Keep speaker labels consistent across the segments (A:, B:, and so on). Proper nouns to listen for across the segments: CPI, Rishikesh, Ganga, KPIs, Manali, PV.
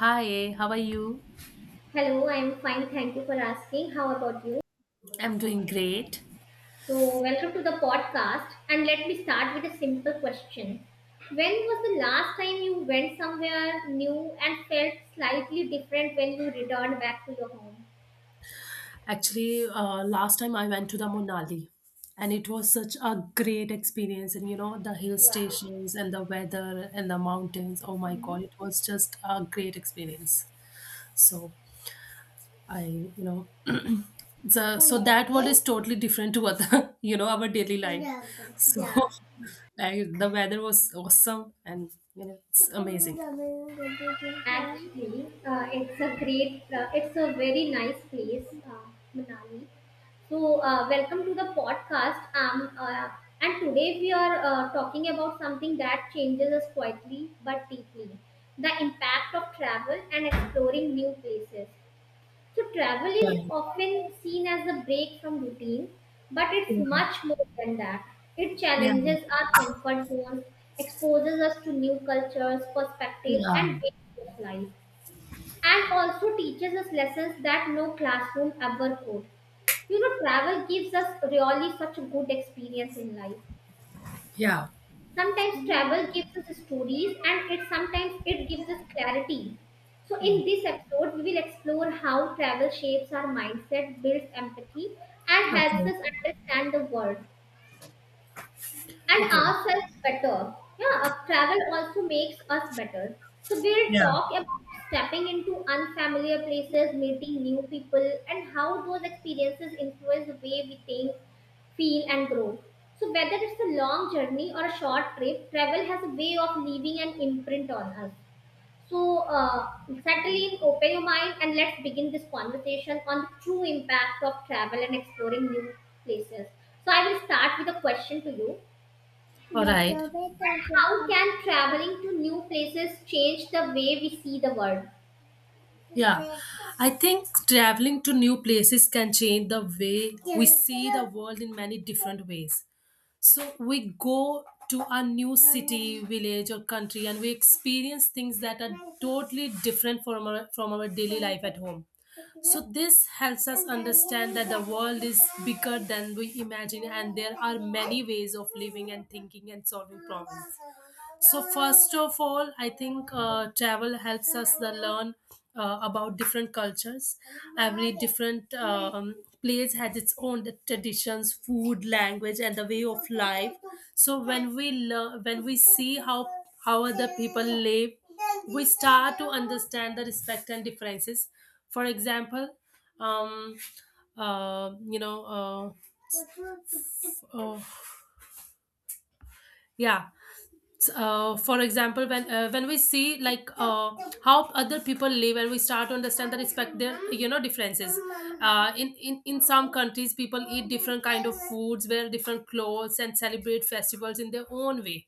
A: Hi, how are you?
B: Hello, I'm fine. Thank you for asking. How about you?
A: I'm doing great.
B: So, welcome to the podcast. And let me start with a simple question. When was the last time you went somewhere new and felt slightly different when you returned back to your home?
A: Actually, last time I went to the Monali, and it was such a great experience. And the hill
B: Wow.
A: stations and the weather and the mountains. Oh my
B: Mhm.
A: God, it was just a great experience. So I, so that one is totally different to other. Our daily life. So
B: Yeah.
A: like, the weather was awesome, and, it's amazing. Yeah,
B: Actually, it's a great, it's a very nice place, Manali. So, welcome to the podcast. And today we are talking about something that changes us quietly but deeply, the impact of travel and exploring new places. So, travel is often seen as a break from routine, but it's much more than that. It
A: yeah,
B: challenges our comfort zones, exposes us to new cultures, perspectives, and ways of life, and also teaches us lessons that no classroom ever could. You know, travel gives us really such a good experience in life.
A: yeah. Yeah.
B: Sometimes travel gives us stories, and it sometimes it gives us clarity. So in this episode, we will explore how travel shapes our mindset, builds empathy, and helps
A: Okay.
B: us understand the world and
A: Okay.
B: ourselves better. Yeah, travel also makes us better. So we'll
A: Yeah.
B: talk about stepping into unfamiliar places, meeting new people, and how those experiences influence the way we think, feel, and grow. So whether it's a long journey or a short trip, travel has a way of leaving an imprint on us. So settle in, open your mind, and let's begin this conversation on the true impact of travel and exploring new places. So I will start with a question to you:
A: All right.
B: how can traveling to new places change the way we see the world?
A: Yeah. I think traveling to new places can change the way we see the world in many different ways. So we go to a new city, village, or country, and we experience things that are totally different from our daily life at home. So this helps us understand that the world is bigger than we imagine, and there are many ways of living and thinking and solving problems. So first of all, I think travel helps us to learn about different cultures. Every different place has its own traditions, food, language, and the way of life. So when we see how other people live, we start to understand the respect and differences. For example, um, uh, you know, uh, f- oh, yeah, for example, when we see, like, how other people live, and we start to understand and respect their differences, in some countries people eat different kind of foods, wear different clothes, and celebrate festivals in their own way.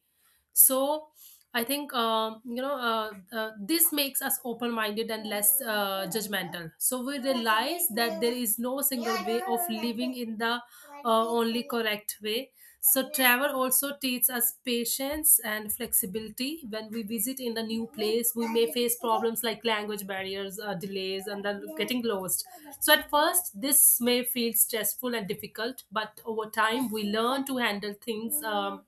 A: So I think, this makes us open minded and less judgmental, so we realize that there is no single way of living in the only correct way. So travel also teaches us patience and flexibility. When we visit in a new place, we may face problems like language barriers, delays, and then getting lost. So at first this may feel stressful and difficult, but over time we learn to handle things, um,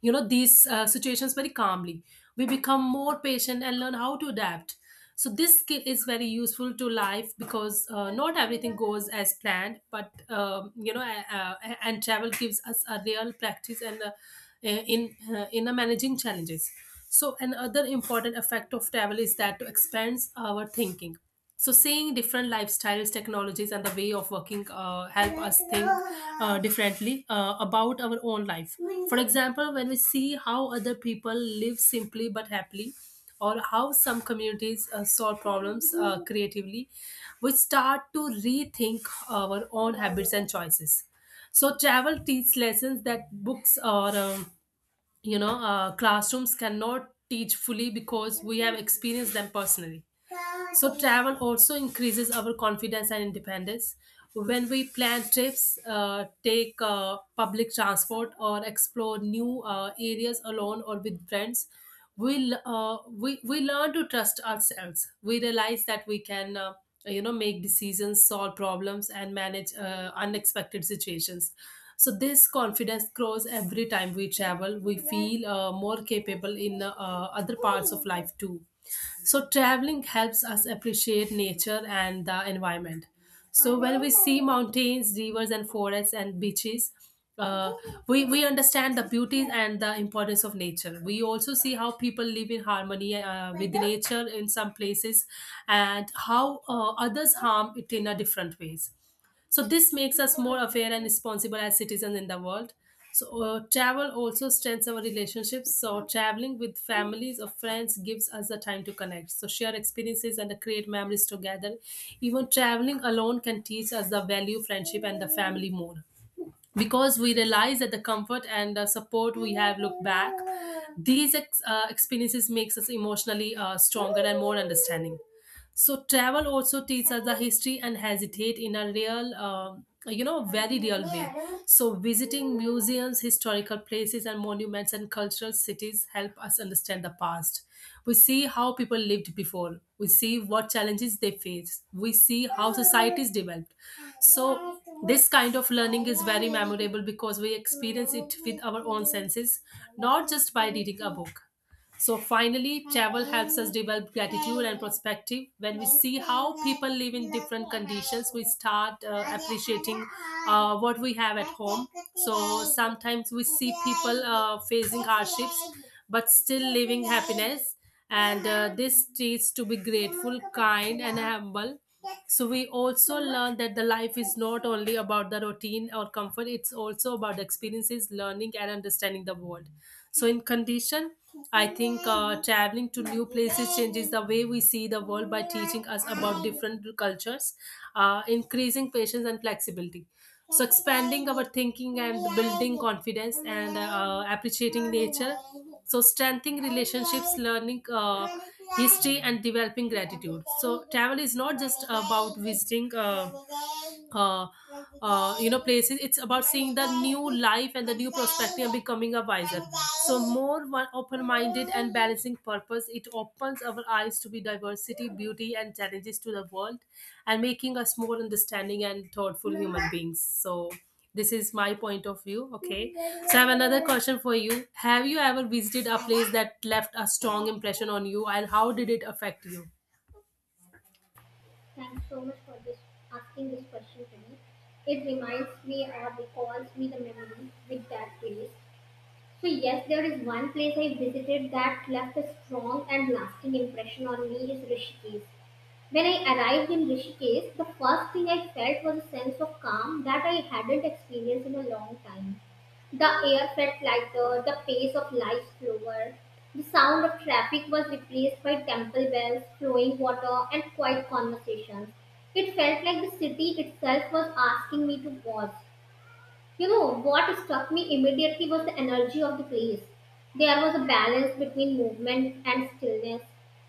A: you know these situations, very calmly. We become more patient and learn how to adapt. So this skill is very useful to life, because not everything goes as planned, but and travel gives us a real practice, and in managing challenges. So another important effect of travel is that to expands our thinking. So seeing different lifestyles, technologies, and the way of working help us think differently about our own life. For example, when we see how other people live simply but happily, or how some communities solve problems creatively, we start to rethink our own habits and choices. So travel teaches lessons that books or classrooms cannot teach fully because we have experienced them personally. So travel also increases our confidence and independence. When we plan trips, take public transport, or explore new areas alone or with friends, we learn to trust ourselves. We realize that we can, make decisions, solve problems, and manage unexpected situations. So this confidence grows every time we travel. We feel more capable in other parts of life too. So traveling helps us appreciate nature and the environment. So when we see mountains, rivers, and forests and beaches, uh, we understand the beauty and the importance of nature. We also see how people live in harmony with nature in some places, and how others harm it in a different ways. So this makes us more aware and responsible as citizens in the world. So travel also strengthens our relationships. So traveling with families or friends gives us the time to connect. So share experiences and create memories together. Even traveling alone can teach us the value, friendship, and the family more. Because we realize that the comfort and the support we have look back, these experiences makes us emotionally stronger and more understanding. So travel also teaches us the history and hesitate in a real, very real way. So visiting museums, historical places, and monuments and cultural cities help us understand the past. We see how people lived before. We see what challenges they faced. We see how societies developed. So this kind of learning is very memorable because we experience it with our own senses, not just by reading a book. So finally, travel helps us develop gratitude and perspective. When we see how people live in different conditions, we start appreciating what we have at home. So sometimes we see people facing hardships but still living happiness. And this teaches to be grateful, kind, and humble. So we also learn that the life is not only about the routine or comfort; it's also about the experiences, learning, and understanding the world. So, in condition, I think traveling to new places changes the way we see the world by teaching us about different cultures, increasing patience and flexibility, so expanding our thinking and building confidence, and appreciating nature, so strengthening relationships, learning history, and developing gratitude. So travel is not just about visiting uh, places. It's about seeing the new life and the new perspective and becoming a wiser, so more one open-minded and balancing purpose. It opens our eyes to be diversity, beauty, and challenges to the world, and making us more understanding and thoughtful human beings. So this is my point of view. Okay. So I have another question for you. Have you ever visited a place that left a strong impression on you, and how did it affect you?
B: Thanks so much for this asking this question to me. It reminds me or recalls me the memory with that place. So yes, there is one place I visited that left a strong and lasting impression on me is Rishikesh. When I arrived in Rishikesh, the first thing I felt was a sense of calm that I hadn't experienced in a long time. The air felt lighter, the pace of life slower. The sound of traffic was replaced by temple bells, flowing water, and quiet conversations. It felt like the city itself was asking me to pause. You know, what struck me immediately was the energy of the place. There was a balance between movement and stillness.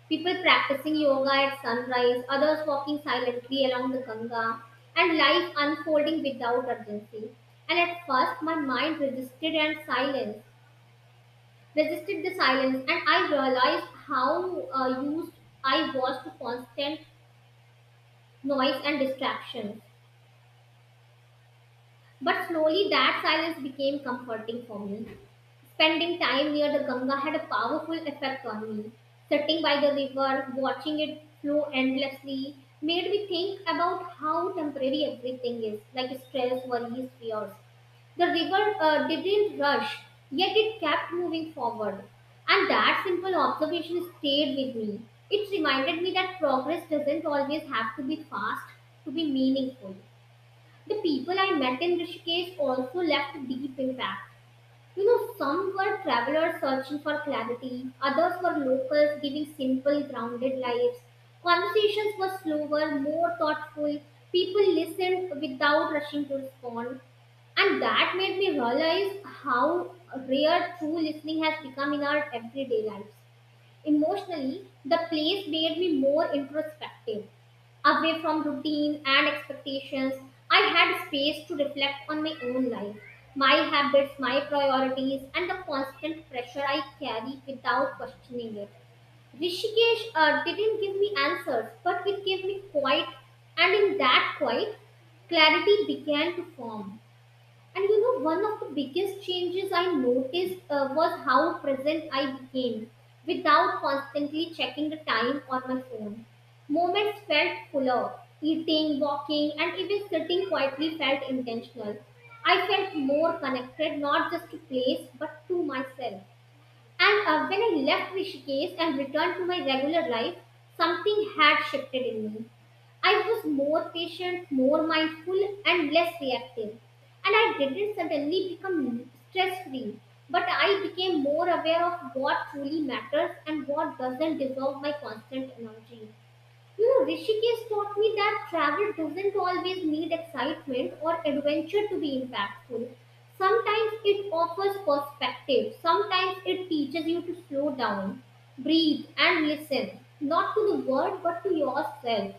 B: People practicing yoga at sunrise, others walking silently along the Ganga, and life unfolding without urgency. And at first, my mind resisted and silence, resisted the silence, and I realized how used I was to constant noise and distractions. But slowly that silence became comforting for me. Spending time near the Ganga had a powerful effect on me. Sitting by the river, watching it flow endlessly, made me think about how temporary everything is, like stress, worries, fears. The river didn't rush, yet it kept moving forward. And that simple observation stayed with me. It reminded me that progress doesn't always have to be fast to be meaningful. The people I met in Rishikesh also left a deep impact. You know, some were travelers searching for clarity, others were locals giving simple, grounded lives. Conversations were slower, more thoughtful. People listened without rushing to respond. And that made me realize how rare true listening has become in our everyday lives. Emotionally, the place made me more introspective. Away from routine and expectations, I had space to reflect on my own life, my habits, my priorities, and the constant pressure I carry without questioning it. Rishikesh didn't give me answers, but it gave me quiet, and in that quiet, clarity began to form. And you know, one of the biggest changes I noticed was how present I became without constantly checking the time on my phone. Moments felt fuller. Eating, walking, and even sitting quietly felt intentional. I felt more connected not just to place but to myself. And when I left Rishikesh and returned to my regular life, something had shifted in me. I was more patient, more mindful, and less reactive. And I didn't suddenly become stress free, but I became more aware of what truly matters and what doesn't deserve my constant energy. You know, Rishikesh taught me that travel doesn't always need excitement or adventure to be impactful. Sometimes it offers perspective, sometimes it teaches you to slow down, breathe, and listen, not to the world but to yourself.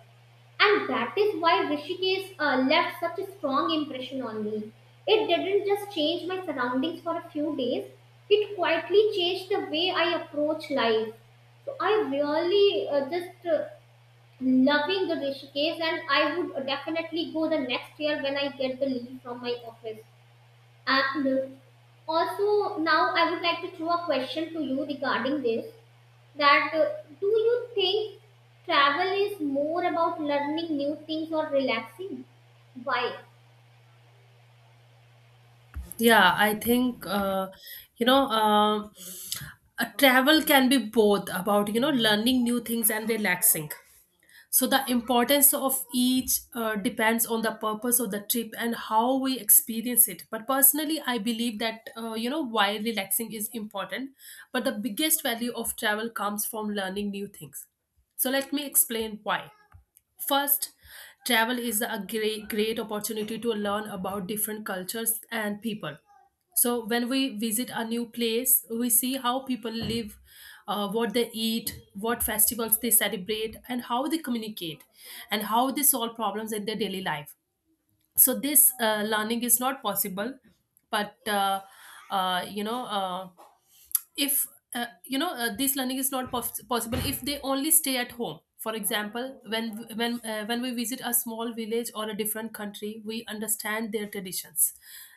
B: And that is why Rishikesh left such a strong impression on me. It didn't just change my surroundings for a few days, it quietly changed the way I approach life. So I really just loving the Rishikesh, and I would definitely go the next year when I get the leave from my office. And Also, now I would like to throw a question to you regarding this. That do you think travel is more about learning new things or relaxing? Why?
A: Yeah, I think, you know. um travel can be both about learning new things and relaxing. So the importance of each depends on the purpose of the trip and how we experience it. But personally, I believe that, while relaxing is important, but the biggest value of travel comes from learning new things. So let me explain why. First, travel is a great, great opportunity to learn about different cultures and people. So, when we visit a new place, we see how people live, what they eat, what festivals they celebrate, and how they communicate, and how they solve problems in their daily life. So, this learning is not possible, but uh, you know. Uh, if this learning is not possible if they only stay at home. For example, when we visit a small village or a different country, we understand their traditions,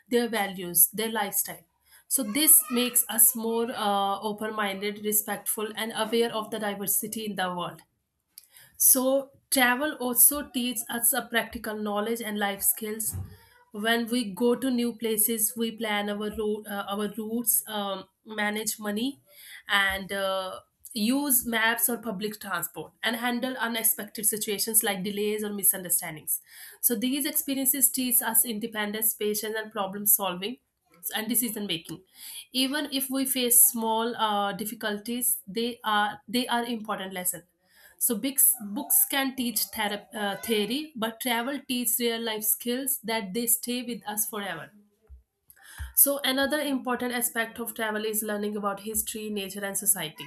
A: their values, their lifestyle. So this makes us more open minded, respectful, and aware of the diversity in the world. So, travel also teaches us a practical knowledge and life skills. When we go to new places, we plan our routes, manage money, and use maps or public transport, and handle unexpected situations like delays or misunderstandings. So, these experiences teach us independence, patience, and problem solving and decision making, even if we face small difficulties. They are important lesson. So books can teach theory, but travel teaches real life skills that they stay with us forever. So another important aspect of travel is learning about history, nature, and society.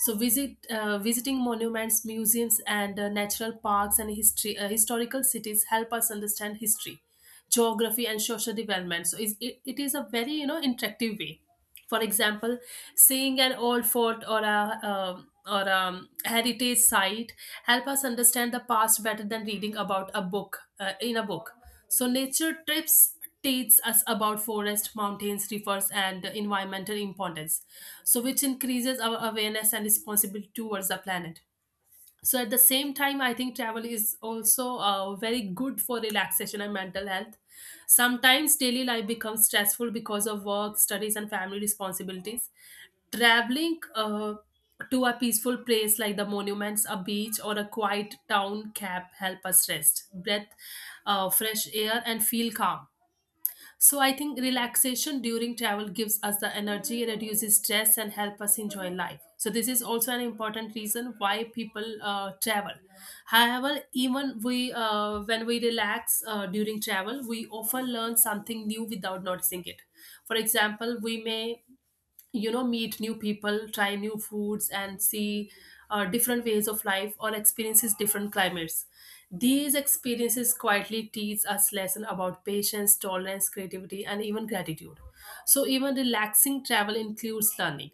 A: So visiting monuments, museums, and natural parks and history historical cities help us understand history, geography, and social development. So it is a very, interactive way. For example, seeing an old fort or a heritage site help us understand the past better than reading about a book, in a book. So nature trips teach us about forest, mountains, rivers, and environmental importance, so which increases our awareness and responsibility towards the planet. So at the same time, I think travel is also very good for relaxation and mental health. Sometimes daily life becomes stressful because of work, studies, and family responsibilities. Traveling to a peaceful place like the monuments, a beach, or a quiet town can help us rest, breath fresh air, and feel calm. So I think relaxation during travel gives us the energy, reduces stress, and help us enjoy life. So this is also an important reason why people travel. However, even we when we relax during travel, we often learn something new without noticing it. For example, we may meet new people, try new foods, and see different ways of life or experiences different climates. These experiences quietly teach us lesson about patience, tolerance, creativity, and even gratitude. So even relaxing travel includes learning.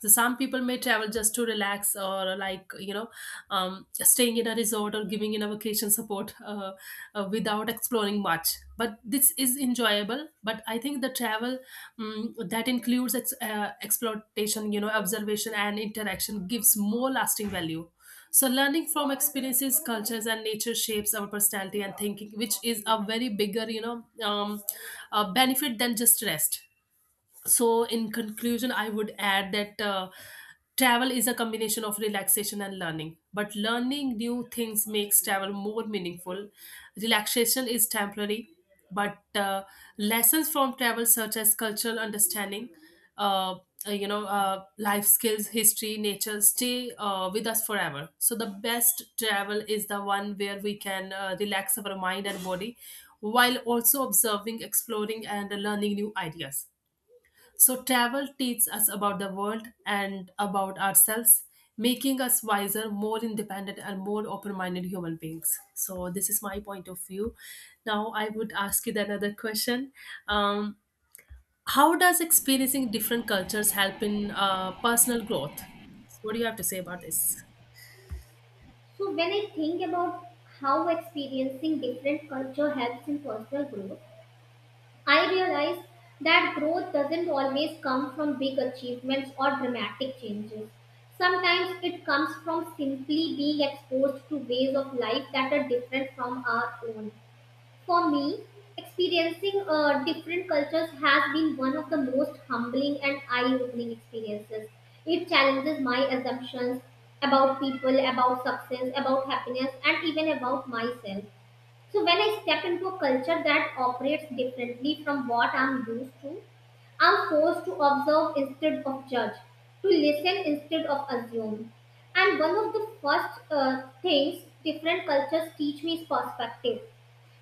A: So some people may travel just to relax or staying in a resort or giving in a vacation support without exploring much. But this is enjoyable, but I think the travel that includes exploitation, observation, and interaction gives more lasting value. So learning from experiences, cultures, and nature shapes our personality and thinking, which is a very bigger benefit than just rest. So in conclusion, I would add that travel is a combination of relaxation and learning, but learning new things makes travel more meaningful. Relaxation is temporary, but lessons from travel such as cultural understanding, uh, life skills, history, nature stay with us forever. So the best travel is the one where we can relax our mind and body while also observing, exploring, and learning new ideas. So travel teaches us about the world and about ourselves, making us wiser, more independent, and more open minded human beings. So this is my point of view. Now, I would ask you the another question. um, How does experiencing different cultures help in personal growth? So what do you have to say about this?
B: So when I think about how experiencing different culture helps in personal growth, I realize that growth doesn't always come from big achievements or dramatic changes. Sometimes it comes from simply being exposed to ways of life that are different from our own. For me, experiencing different cultures has been one of the most humbling and eye opening experiences. It challenges my assumptions about people, about success, about happiness, and even about myself. So when I step into a culture that operates differently from what I'm used to, I'm forced to observe instead of judge, to listen instead of assume. And one of the first things different cultures teach me is perspective.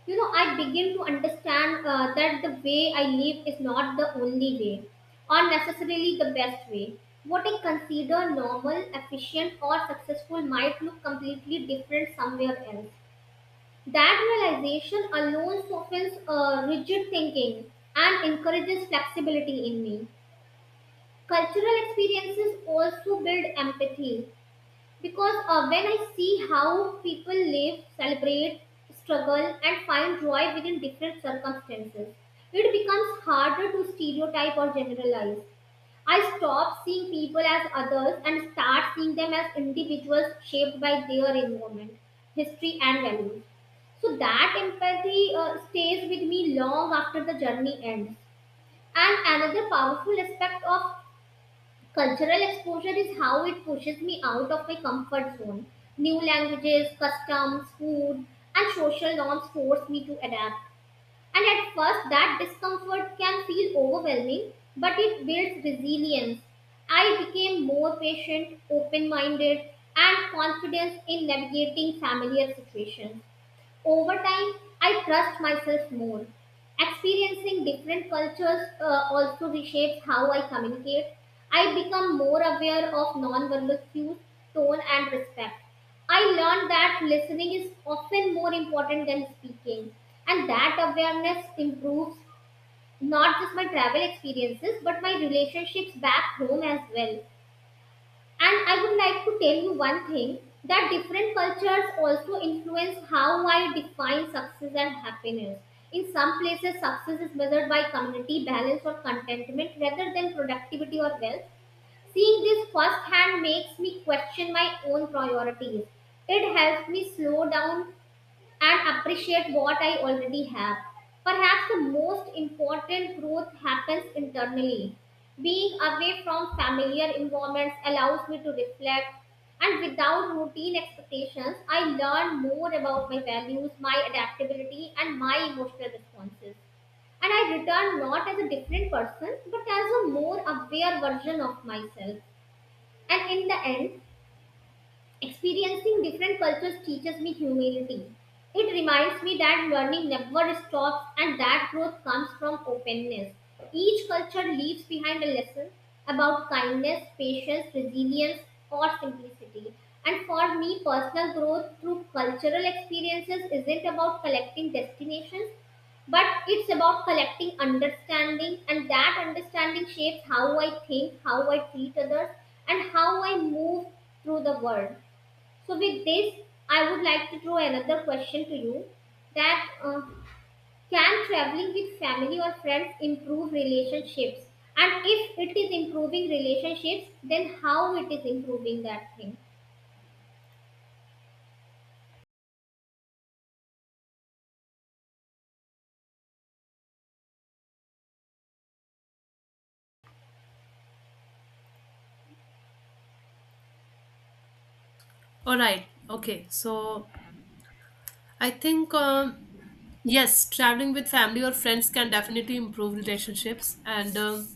B: You know, I begin to understand that the way I live is not the only way or necessarily the best way. What I consider normal, efficient, or successful might look completely different somewhere else. That realization alone softens rigid thinking and encourages flexibility in me. Cultural experiences also build empathy because when I see how people live, celebrate, struggle, and find joy within different circumstances, it becomes harder to stereotype or generalize. I stopped seeing people as others and start seeing them as individuals shaped by their environment, history, and values. So that empathy stays with me long after the journey ends. And another powerful aspect of cultural exposure is how it pushes me out of my comfort zone. New languages, customs, food, and social norms force me to adapt, and at first, that discomfort can feel overwhelming, but it builds resilience. I became more patient, open minded, and confident in navigating familiar situations. Over time, I trust myself more. Experiencing different cultures also reshapes how I communicate. I become more aware of non-verbal cues, tone, and respect. I learned that listening is often more important than speaking, and that awareness improves not just my travel experiences but my relationships back home as well. And I would like to tell you one thing that different cultures also influence how I define success and happiness. In some places, success is measured by community balance or contentment rather than productivity or wealth. Seeing this firsthand makes me question my own priorities. It helps me slow down and appreciate what I already have. Perhaps the most important growth happens internally. Being away from familiar environments allows me to reflect, and without routine expectations, I learn more about my values, my adaptability, and my emotional responses. And I return not as a different person, but as a more aware version of myself. And in the end, experiencing different cultures teaches me humility. It reminds me that learning never stops and that growth comes from openness. Each culture leaves behind a lesson about kindness, patience, resilience, or simplicity. And for me, personal growth through cultural experiences isn't about collecting destinations, but it's about collecting understanding, and that understanding shapes how I think, how I treat others, and how I move through the world. So, with this, I would like to throw another question to you, that can traveling with family or friends improve relationships? And if it is improving relationships, then how it is improving that thing?
A: All right. Okay. So I think, yes, traveling with family or friends can definitely improve relationships, and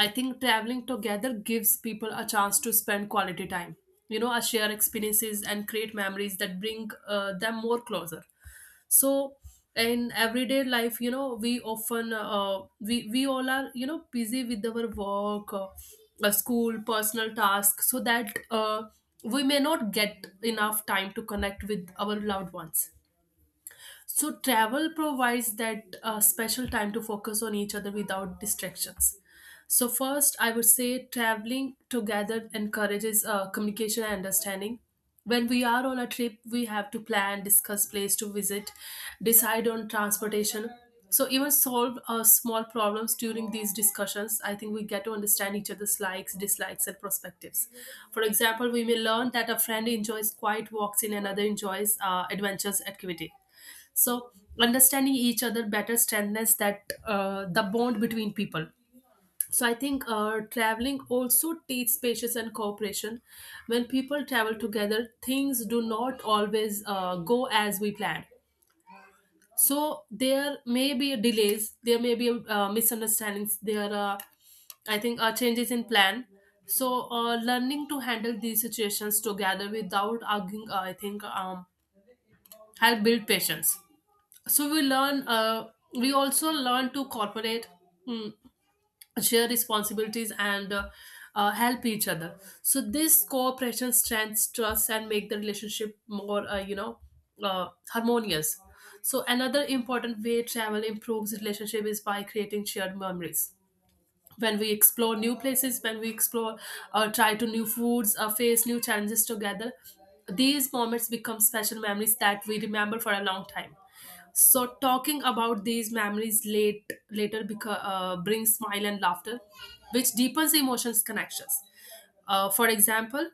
A: I think traveling together gives people a chance to spend quality time, you know, a share experiences and create memories that bring them more closer. So in everyday life, you know, we often we all are, you know, busy with our work, school, personal tasks, so that we may not get enough time to connect with our loved ones. So travel provides that special time to focus on each other without distractions. So first, I would say traveling together encourages communication and understanding. When we are on a trip, we have to plan, discuss place to visit, decide on transportation. So even solve small problems during these discussions. I think we get to understand each other's likes, dislikes, and perspectives. For example, we may learn that a friend enjoys quiet walks in another enjoys adventurous activity. So understanding each other better strengthens that the bond between people. So I think, traveling also teaches patience and cooperation. When people travel together, things do not always go as we planned. So there may be delays, there may be misunderstandings, there are, I think, changes in plan. So learning to handle these situations together without arguing, I think, help build patience. So we learn, we also learn to cooperate, mm, share responsibilities, and help each other. So this cooperation strengthens trust and make the relationship more, harmonious. So another important way travel improves relationship is by creating shared memories. When we explore new places, when we explore or try to new foods or face new challenges together, these moments become special memories that we remember for a long time. So talking about these memories later because brings smile and laughter, which deepens emotions connections. For example,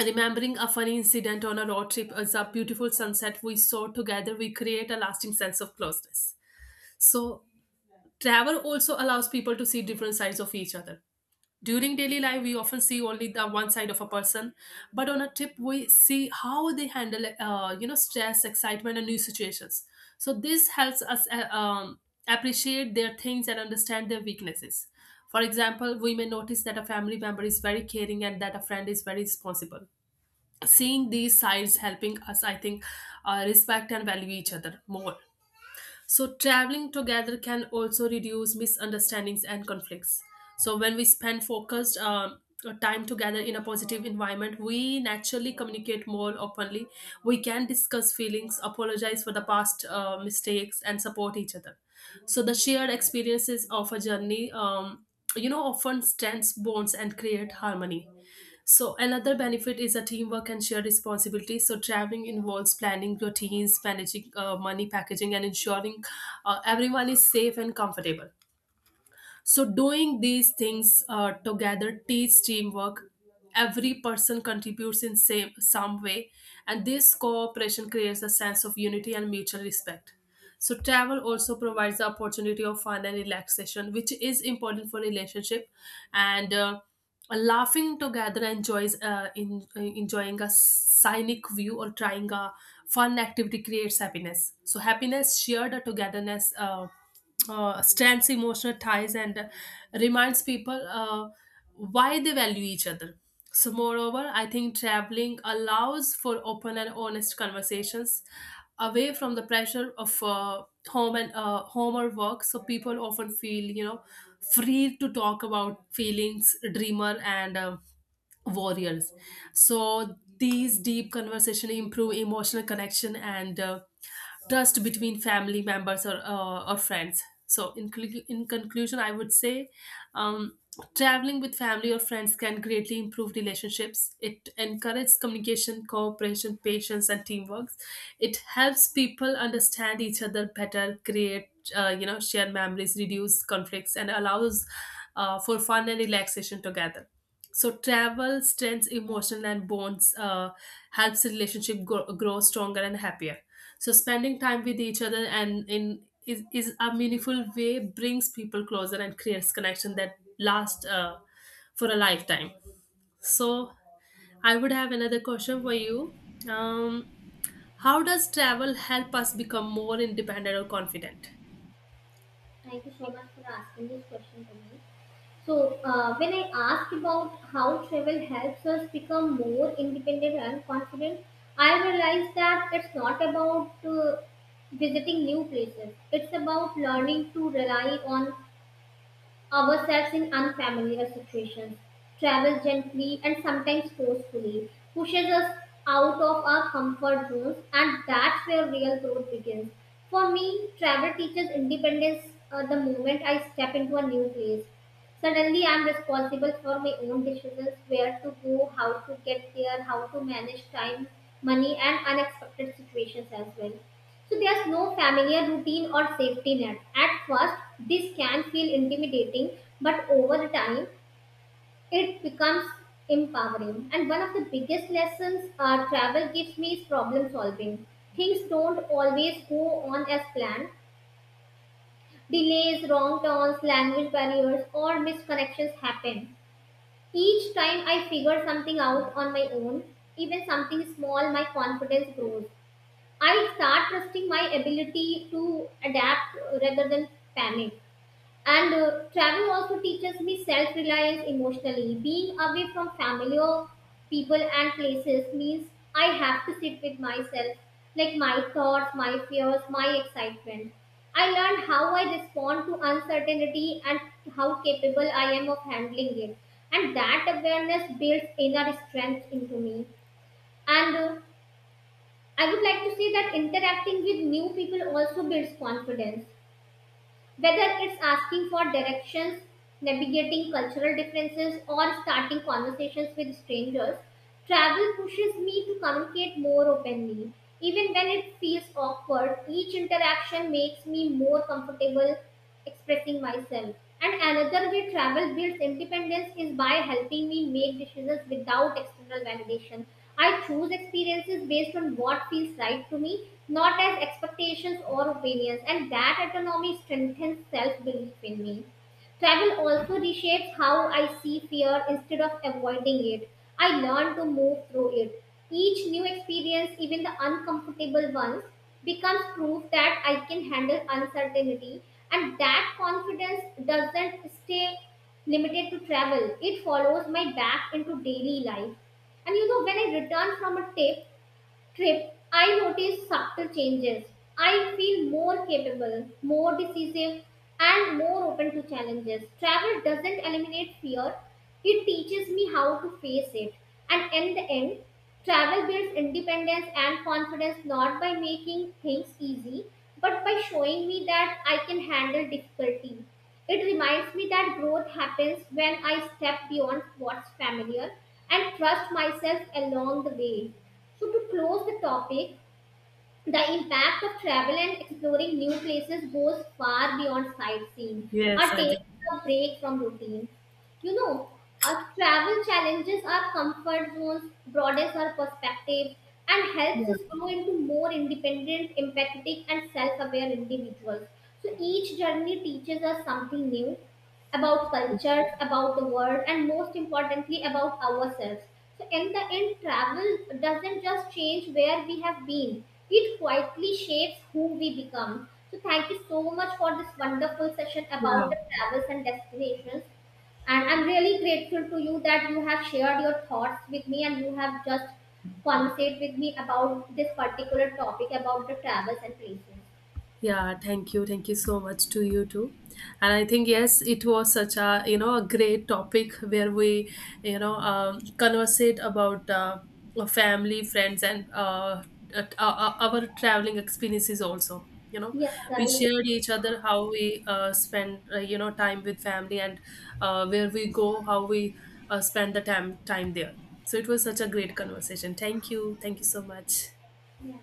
A: remembering a funny incident on a road trip as a beautiful sunset we saw together, we create a lasting sense of closeness. So travel also allows people to see different sides of each other. During daily life, we often see only the one side of a person, but on a trip, we see how they handle, stress, excitement, and new situations. So this helps us appreciate their things and understand their weaknesses. For example, we may notice that a family member is very caring and that a friend is very responsible. Seeing these sides helping us, I think, respect and value each other more. So traveling together can also reduce misunderstandings and conflicts. So when we spend focused time together in a positive environment, we naturally communicate more openly. We can discuss feelings, apologize for the past mistakes, and support each other. So the shared experiences of a journey, often strengthens bonds and create harmony. So another benefit is a teamwork and shared responsibility. So traveling involves planning routines, managing money, packaging, and ensuring everyone is safe and comfortable. So doing these things together teach teamwork. Every person contributes in some way, and this cooperation creates a sense of unity and mutual respect. So travel also provides the opportunity of fun and relaxation, which is important for relationship. And laughing together enjoys enjoying a scenic view or trying a fun activity creates happiness. So happiness shared or togetherness strengths emotional ties and reminds people why they value each other. So moreover, I think traveling allows for open and honest conversations away from the pressure of home or work. So people often feel, you know, free to talk about feelings, dreamer, and warriors. So these deep conversation improve emotional connection and trust between family members or friends. So in conclusion, I would say, Um, traveling with family or friends can greatly improve relationships. It encourages communication, cooperation, patience, and teamwork. It helps people understand each other better, create, share memories, reduce conflicts, and allows for fun and relaxation together. So travel strengthens emotional and bonds, helps relationship grow stronger and happier. So spending time with each other and in is a meaningful way brings people closer and creates connection that last for a lifetime. So I would have another question for you. um, how does travel help us become more independent or confident?
B: Thank you so much for asking this question to me. So, when I asked about how travel helps us become more independent and confident, I realized that it's not about visiting new places. It's about learning to rely on ourselves in unfamiliar situations. Travels gently and sometimes forcefully, pushes us out of our comfort zones, and that's where real growth begins. For me, travel teaches independence the moment I step into a new place. Suddenly, I'm responsible for my own decisions: where to go, how to get there, how to manage time, money, and unexpected situations as well. So there's no familiar routine or safety net. At first, this can feel intimidating, but over time, it becomes empowering. And one of the biggest lessons travel gives me is problem solving. Things don't always go on as planned. Delays, wrong turns, language barriers, or misconnections happen. Each time I figure something out on my own, even something small, my confidence grows. I start trusting my ability to adapt rather than panic. And travel also teaches me self reliance emotionally. Being away from family or people and places means I have to sit with myself, like my thoughts, my fears, my excitement. I learned how I respond to uncertainty and how capable I am of handling it. And that awareness builds inner strength into me. And I would like to say that interacting with new people also builds confidence. Whether it's asking for directions, navigating cultural differences, or starting conversations with strangers, travel pushes me to communicate more openly. Even when it feels awkward, each interaction makes me more comfortable expressing myself. And another way travel builds independence is by helping me make decisions without external validation. I choose experiences based on what feels right to me, not as expectations or opinions, and that autonomy strengthens self belief in me. Travel also reshapes how I see fear instead of avoiding it. I learn to move through it. Each new experience, even the uncomfortable ones, becomes proof that I can handle uncertainty, and that confidence doesn't stay limited to travel. It follows my back into daily life. And you know, when I return from a trip, I notice subtle changes. I feel more capable, more decisive, and more open to challenges. Travel doesn't eliminate fear, it teaches me how to face it. And in the end, travel builds independence and confidence not by making things easy, but by showing me that I can handle difficulty. It reminds me that growth happens when I step beyond what's familiar and trust myself along the way. So, to close the topic, the impact of travel and exploring new places goes far beyond sightseeing
A: Yes,
B: or
A: I think.
B: taking a break from routine. You know, our travel challenges our comfort zones, broadens our perspectives, and helps us grow into more independent, empathetic, and self aware individuals. So, each journey teaches us something new about cultures, about the world, and most importantly, about ourselves. So, in the end, travel doesn't just change where we have been, it quietly shapes who we become. So, thank you so much for this wonderful session
A: Yeah.
B: about the travels and destinations. And I'm really grateful to you that you have shared your thoughts with me and you have just conversate with me about this particular topic about the travels and places.
A: Yeah, thank you. Thank you so much to you too. And I think, yes, it was such a, you know, a great topic where we, you know, conversate about our family, friends, and our traveling experiences also. You know,
B: Yes,
A: we
B: guys.
A: shared each other how we spend, time with family and where we go, how we spend the time there. So it was such a great conversation. Thank you. Thank you so much.
B: Yeah.